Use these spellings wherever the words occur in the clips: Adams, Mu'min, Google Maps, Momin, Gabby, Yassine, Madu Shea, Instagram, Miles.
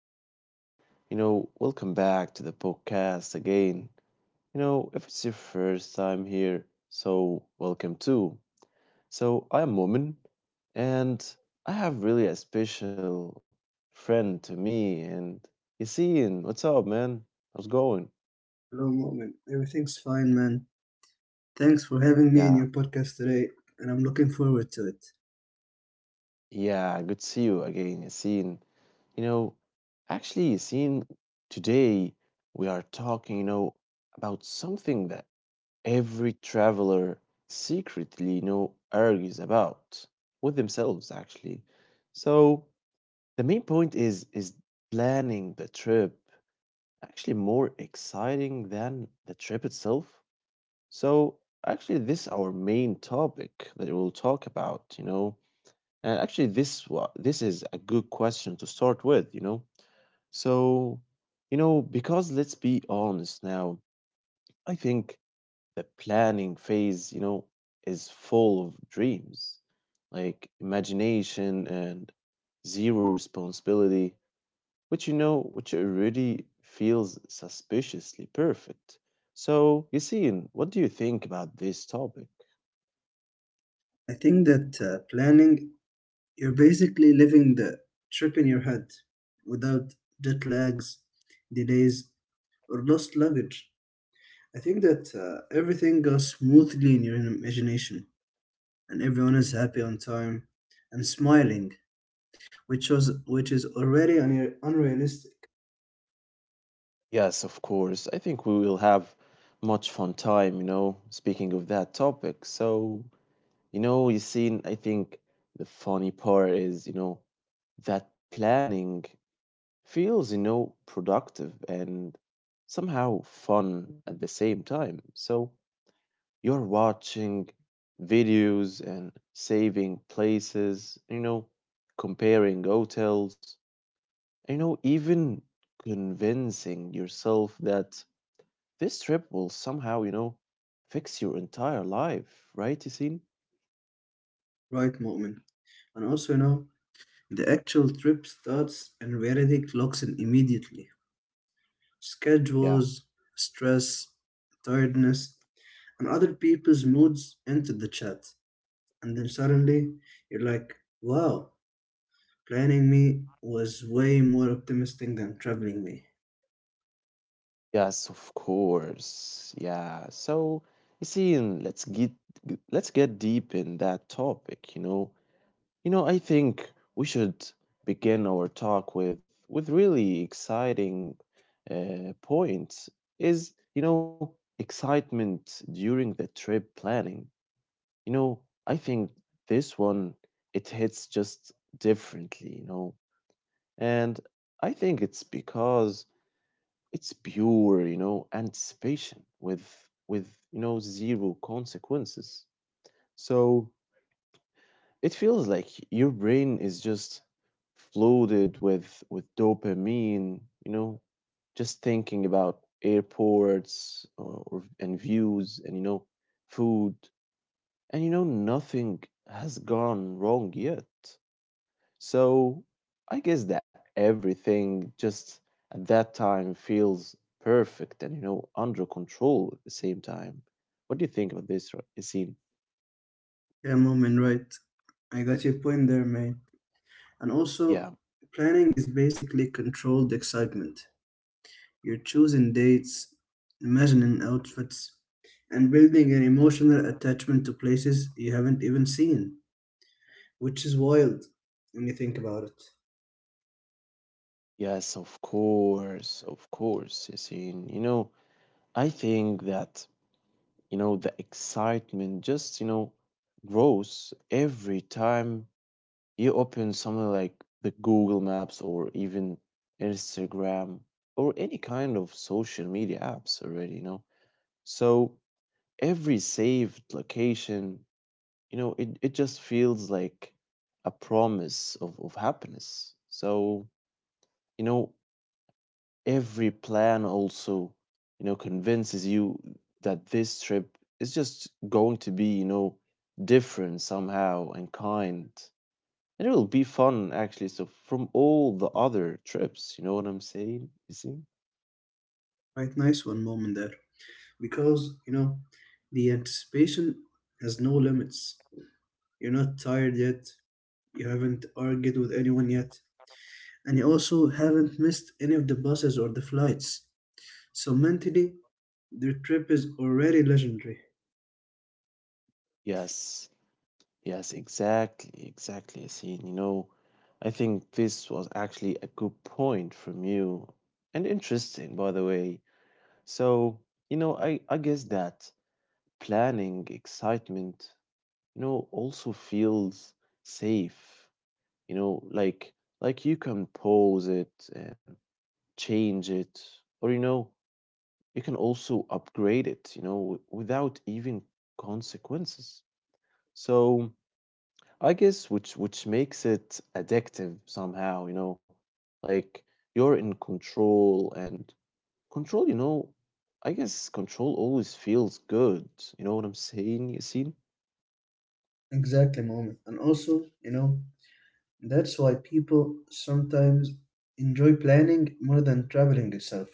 up? Welcome back to the podcast again. If it's your first time here, so welcome too. So, I'm Momin, and I have really a special friend to me. And Yassine, what's up, man? How's it going? Hello, Mu'min. Everything's fine, man. Thanks for having me Yeah, in your podcast today, and I'm looking forward to it. yeah, good to see you again, Yassine. You know, Actually, Yassine, today we are talking about something that every traveler secretly know argues about with themselves actually. So the main point is planning the trip actually more exciting than the trip itself? So actually this our main topic that we'll talk about. And actually this is a good question to start with. So, because let's be honest now. I think the planning phase is full of dreams, like imagination and zero responsibility, which already feels suspiciously perfect. So, Yassine, what do you think about this topic? I think that planning, you're basically living the trip in your head without jet lags, delays, or lost luggage. I think that everything goes smoothly in your imagination, and everyone is happy on time and smiling, which was which is already unrealistic, Yes, of course. I think we will have much fun time speaking of that topic. So, Yassine, I think the funny part is that planning feels productive and somehow fun at the same time. So you're watching videos and saving places comparing hotels even convincing yourself that this trip will somehow fix your entire life, right, Yassine? right, Mu'min? And also, the actual trip starts and reality clocks in immediately. Yeah. Schedules, stress, tiredness, and other people's moods enter the chat. And then suddenly you're like, wow, planning me was way more optimistic than traveling me. Yes, of course. Yeah. So you see, and let's get deep in that topic. I think we should begin our talk with really exciting point is excitement during the trip planning. You know, I think this one it hits just differently. And I think it's because it's pure anticipation with zero consequences. So it feels like your brain is just flooded with dopamine just thinking about airports or and views and food and nothing has gone wrong yet. So I guess that everything just at that time feels perfect and under control at the same time. What do you think about this, Yassine? Yeah, mom, and right. I got your point there, man. And also, Yeah, planning is basically controlled excitement. You're choosing dates, imagining outfits, and building an emotional attachment to places you haven't even seen, which is wild when you think about it. yes, of course, Yassine. I think that the excitement just grows every time you open something like the Google Maps or even Instagram or any kind of social media apps already. So every saved location it just feels like a promise of happiness. So, you know, every plan also convinces you that this trip is just going to be different somehow and kind. And it will be fun actually. So from all the other trips, you know what I'm saying? You see? Quite nice one moment there. Because the anticipation has no limits. You're not tired yet, you haven't argued with anyone yet, and you also haven't missed any of the buses or the flights. So mentally, the trip is already legendary. Yes. Yes, exactly, exactly, see. I think this was actually a good point from you, and interesting, by the way. So, I guess that planning, excitement also feels safe. Like you can pause it and change it, or you can also upgrade it without even consequences. So, I guess which makes it addictive somehow like you're in control and control I guess control always feels good. You know what I'm saying, Yasin? Exactly, moment. And also, that's why people sometimes enjoy planning more than traveling itself,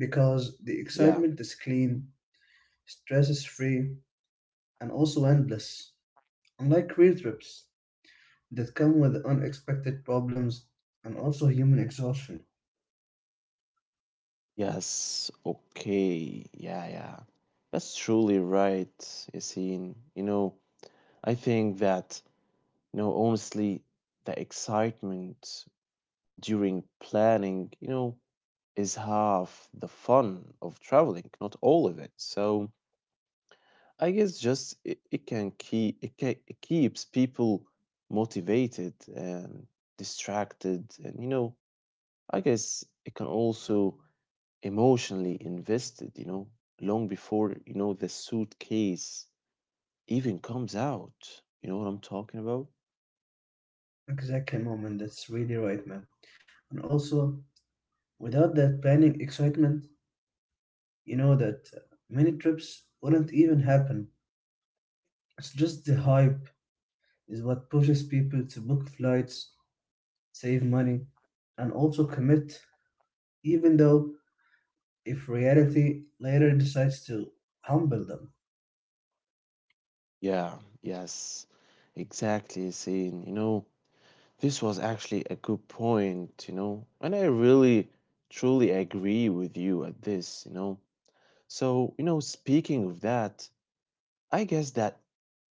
because the Yeah. excitement is clean, stress is free, and also endless. Unlike real trips that come with unexpected problems and also human exhaustion. Yes. Okay. Yeah, yeah. That's truly right, Yasin. I think that honestly, the excitement during planning is half the fun of traveling, not all of it. So I guess just it can keep it, can, it keeps people motivated and distracted, and I guess it can also emotionally invested long before you know the suitcase even comes out. You know what I'm talking about? Exactly, moment. That's really right, man. And also, without that planning excitement, you know that many trips wouldn't even happen. It's just the hype is what pushes people to book flights, save money, and also commit, even though if reality later decides to humble them. Yeah, yes, exactly. Saying, this was actually a good point and I really truly agree with you at this. So, speaking of that, I guess that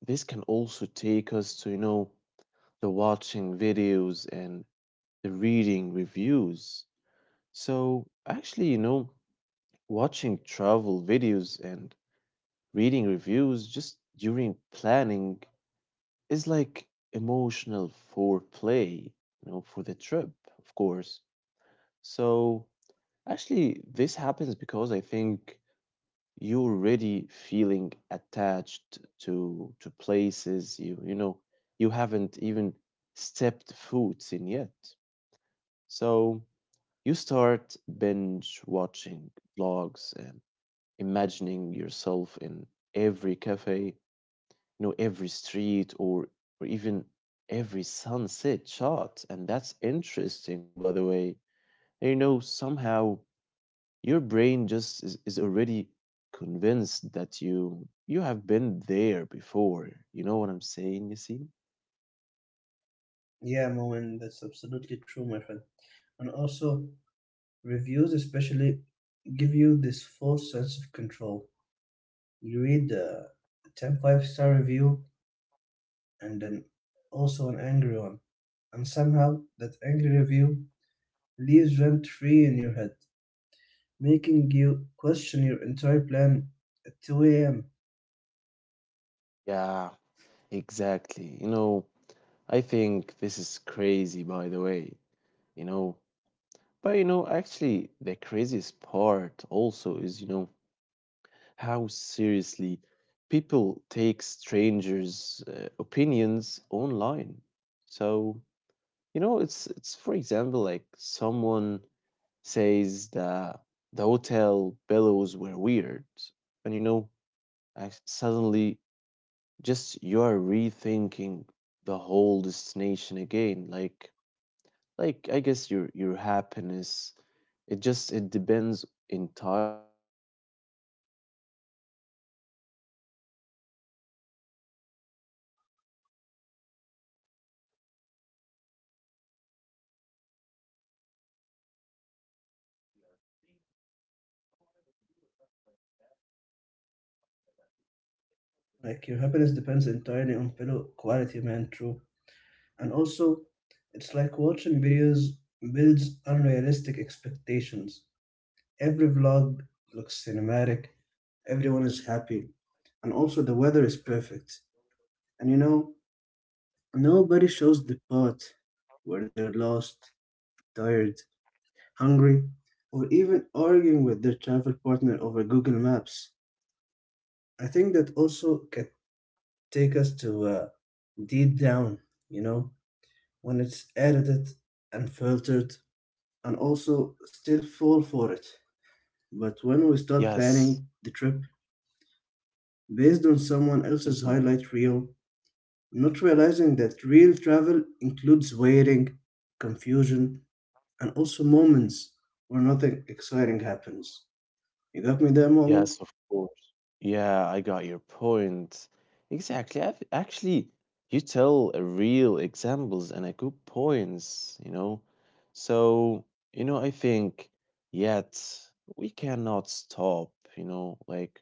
this can also take us to the watching videos and the reading reviews. So, actually watching travel videos and reading reviews just during planning is like emotional foreplay for the trip, of course. So actually, this happens because I think you're already feeling attached to places you you know you haven't even stepped foot in yet. So you start binge watching vlogs and imagining yourself in every cafe every street or even every sunset shot. And that's interesting, by the way. And, somehow your brain just is already convinced that you have been there before. You know what I'm saying, you see? Yeah, Moen, that's absolutely true, my friend. And also, reviews especially give you this false sense of control. You read a 10-star review and then also an angry one, and somehow that angry review leaves rent free in your head, making you question your entire plan at 2 a.m. Yeah, exactly. I think this is crazy by the way, you know. But actually the craziest part also is how seriously people take strangers' opinions online. So, it's for example like someone says that the hotel billows were weird, and suddenly just you are rethinking the whole destination again. Like I guess your happiness, it just it depends entirely on pillow quality, right? Like your happiness depends entirely on pillow quality, man. True, and also it's like watching videos builds unrealistic expectations. Every vlog looks cinematic. Everyone is happy, and also the weather is perfect. And you know, nobody shows the part where they're lost, tired, hungry, or even arguing with their travel partner over Google Maps. I think that also can take us to deep down, you know when it's edited and filtered and also still fall for it. But when we start Yes. planning the trip based on someone else's highlight reel, not realizing that real travel includes waiting, confusion, and also moments where nothing exciting happens. You got me there, moment, Yes, of course. Yeah, I got your point. Exactly. I've, actually, you tell a real examples and a good points. So, I think yet we cannot stop like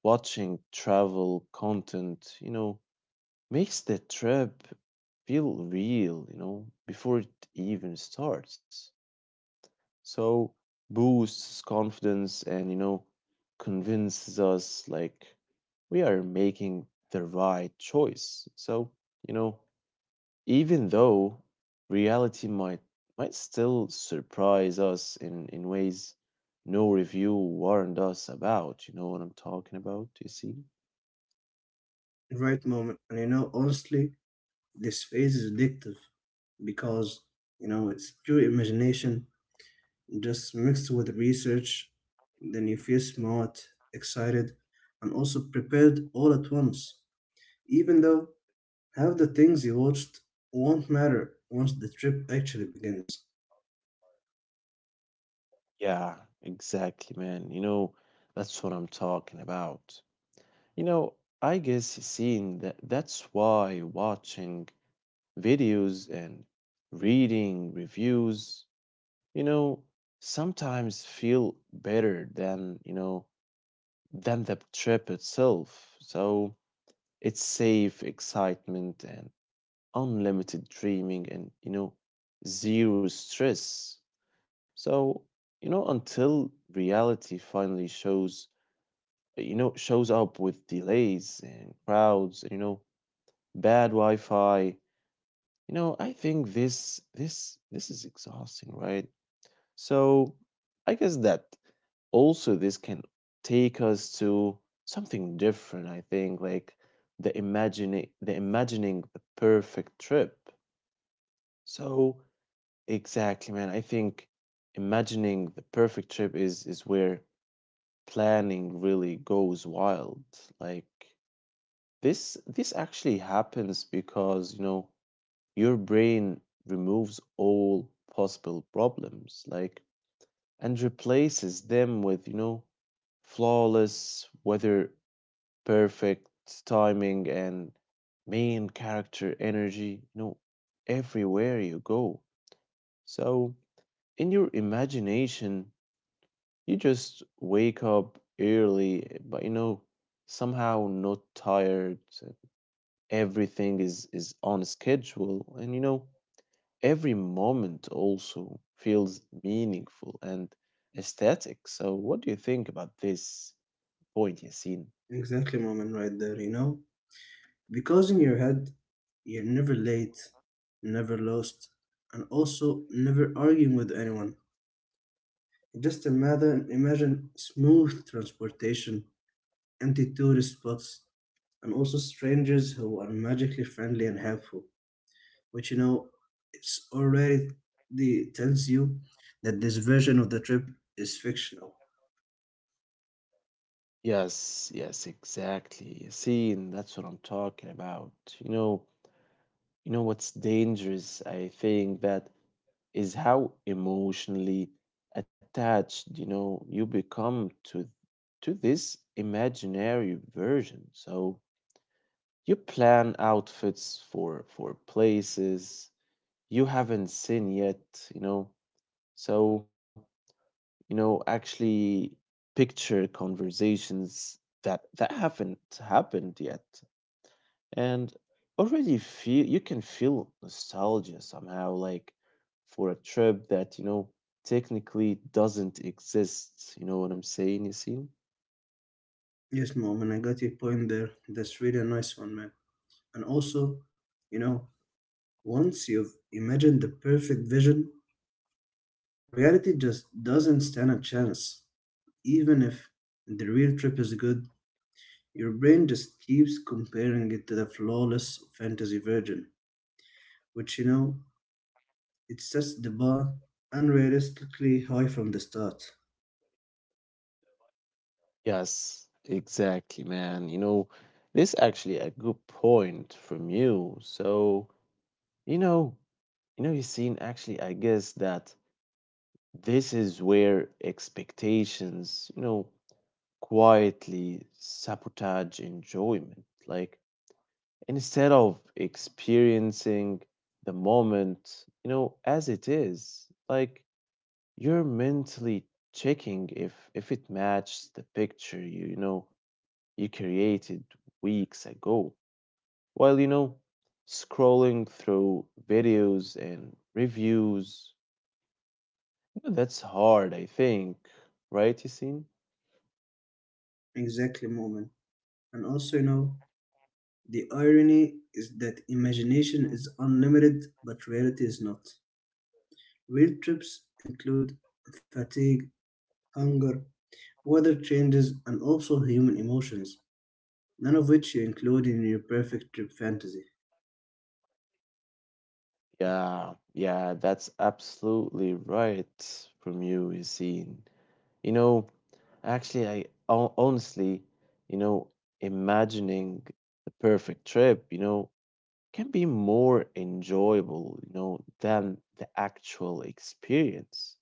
watching travel content makes the trip feel real before it even starts. So boosts confidence and convinces us like we are making the right choice. So you know even though reality might still surprise us in ways no review warned us about, you know what I'm talking about, you see? right moment, and honestly this phase is addictive because it's pure imagination just mixed with research, then you feel smart, excited, and also prepared all at once. Even though half the things you watched won't matter once the trip actually begins. Yeah, exactly, man. That's what I'm talking about, you know I guess you see, and that's why watching videos and reading reviews, you know, sometimes feel better than than the trip itself. So it's safe excitement and unlimited dreaming and zero stress. So, until reality finally shows shows up with delays and crowds bad Wi Fi. I think this is exhausting, right? So I guess that also this can take us to something different, I think, like the imagining the imagining the perfect trip. So exactly, man. I think imagining the perfect trip is where planning really goes wild. Like this actually happens because, your brain removes all possible problems, like, and replaces them with flawless weather, perfect timing, and main character energy everywhere you go. So, in your imagination, you just wake up early, but somehow not tired. Everything is on schedule, and every moment also feels meaningful and aesthetic. So, what do you think about this point, Yasin? Exactly, moment, right there, you know? Because in your head, you're never late, never lost, and also never arguing with anyone. Just imagine smooth transportation, empty tourist spots, and also strangers who are magically friendly and helpful, which it's already tells you that this version of the trip is fictional. Yes, yes, exactly. Yasin, that's what I'm talking about. You know, you know what's dangerous, I think, that is how emotionally attached you become to this imaginary version. So you plan outfits for places, you haven't seen yet, you know. So, actually picture conversations that haven't happened yet and already feel you can feel nostalgia somehow like for a trip that technically doesn't exist. You know what I'm saying, Yasin? Yes, mom, and I got your point there. That's really a nice one, man. And also, you know, once you've imagined the perfect vision, reality just doesn't stand a chance. Even if the real trip is good, your brain just keeps comparing it to the flawless fantasy version, which it sets the bar unrealistically high from the start. Yes, exactly, man. This actually a good point from you. So, you know, Yasin. Actually, I guess that this is where expectations quietly sabotage enjoyment. Like, instead of experiencing the moment as it is, like you're mentally checking if it matches the picture you, you know you created weeks ago. While, scrolling through videos and reviews that's hard, I think, right, Yasin? Exactly, moment. And also, the irony is that imagination is unlimited, but reality is not. Real trips include fatigue, hunger, weather changes, and also human emotions, none of which you include in your perfect trip fantasy. Yeah, yeah, that's absolutely right from you, Yassine. You know, actually, I honestly, you know, imagining the perfect trip can be more enjoyable than the actual experience.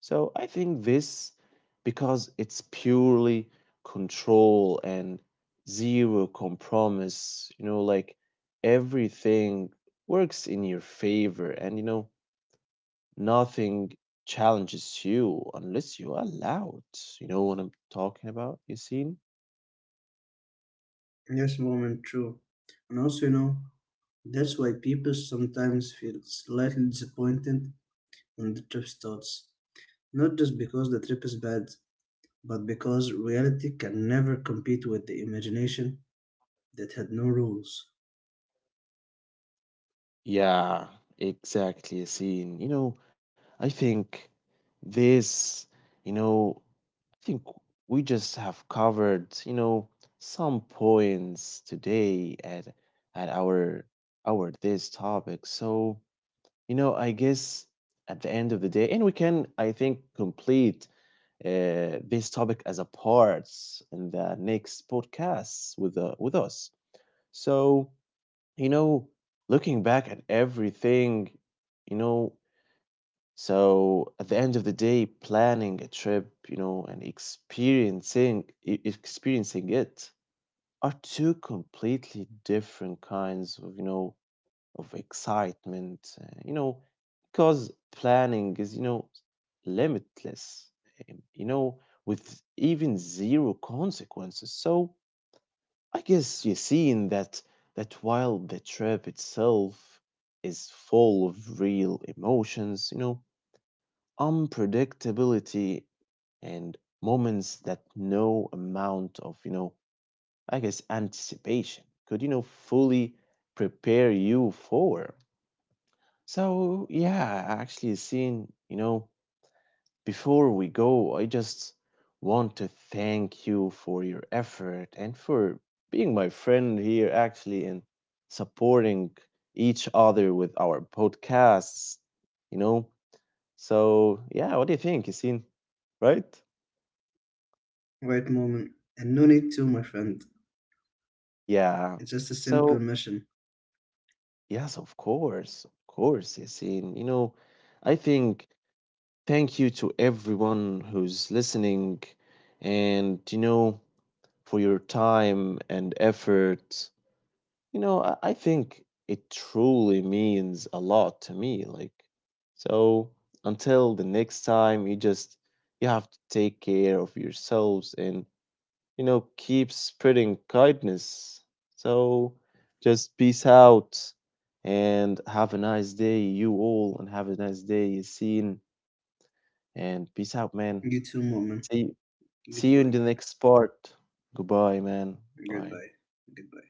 So I think this because it's purely control and zero compromise like everything works in your favor and nothing challenges you unless you allow it. You know what I'm talking about, Yassine? Yes, moment, true. And also, that's why people sometimes feel slightly disappointed when the trip starts, not just because the trip is bad, but because reality can never compete with the imagination that had no rules. Yeah, exactly, Yassine. I think this, you know, think we just have covered some points today at at our our this topic. So, I guess at the end of the day, and we can, I think, complete this topic as a parts in the next podcast with us. So, you know, looking back at everything, you know, so at the end of the day, planning a trip and experiencing it are two completely different kinds of of excitement. Because planning is limitless. um, You know, with even zero consequences. So I guess you're seeing that while the trip itself is full of real emotions, unpredictability and moments that no amount of I guess anticipation could fully prepare you for. So yeah, actually seen, you know before we go I just want to thank you for your effort and for being my friend here actually and supporting each other with our podcasts, you know So yeah, what do you think, Yasin? Right? Right, moment, and no need to, my friend. Yeah. It's just a simple So mission. yes, of course, Yasin. I think thank you to everyone who's listening, and for your time and effort. I think it truly means a lot to me. Like, so until the next time, you just you have to take care of yourselves and keep spreading kindness. So just peace out and have a nice day, you all, and have a nice day, seen, and peace out, man. You too, moment. See see you Goodbye, in the man. next part. Goodbye, man. Bye. Goodbye. Goodbye.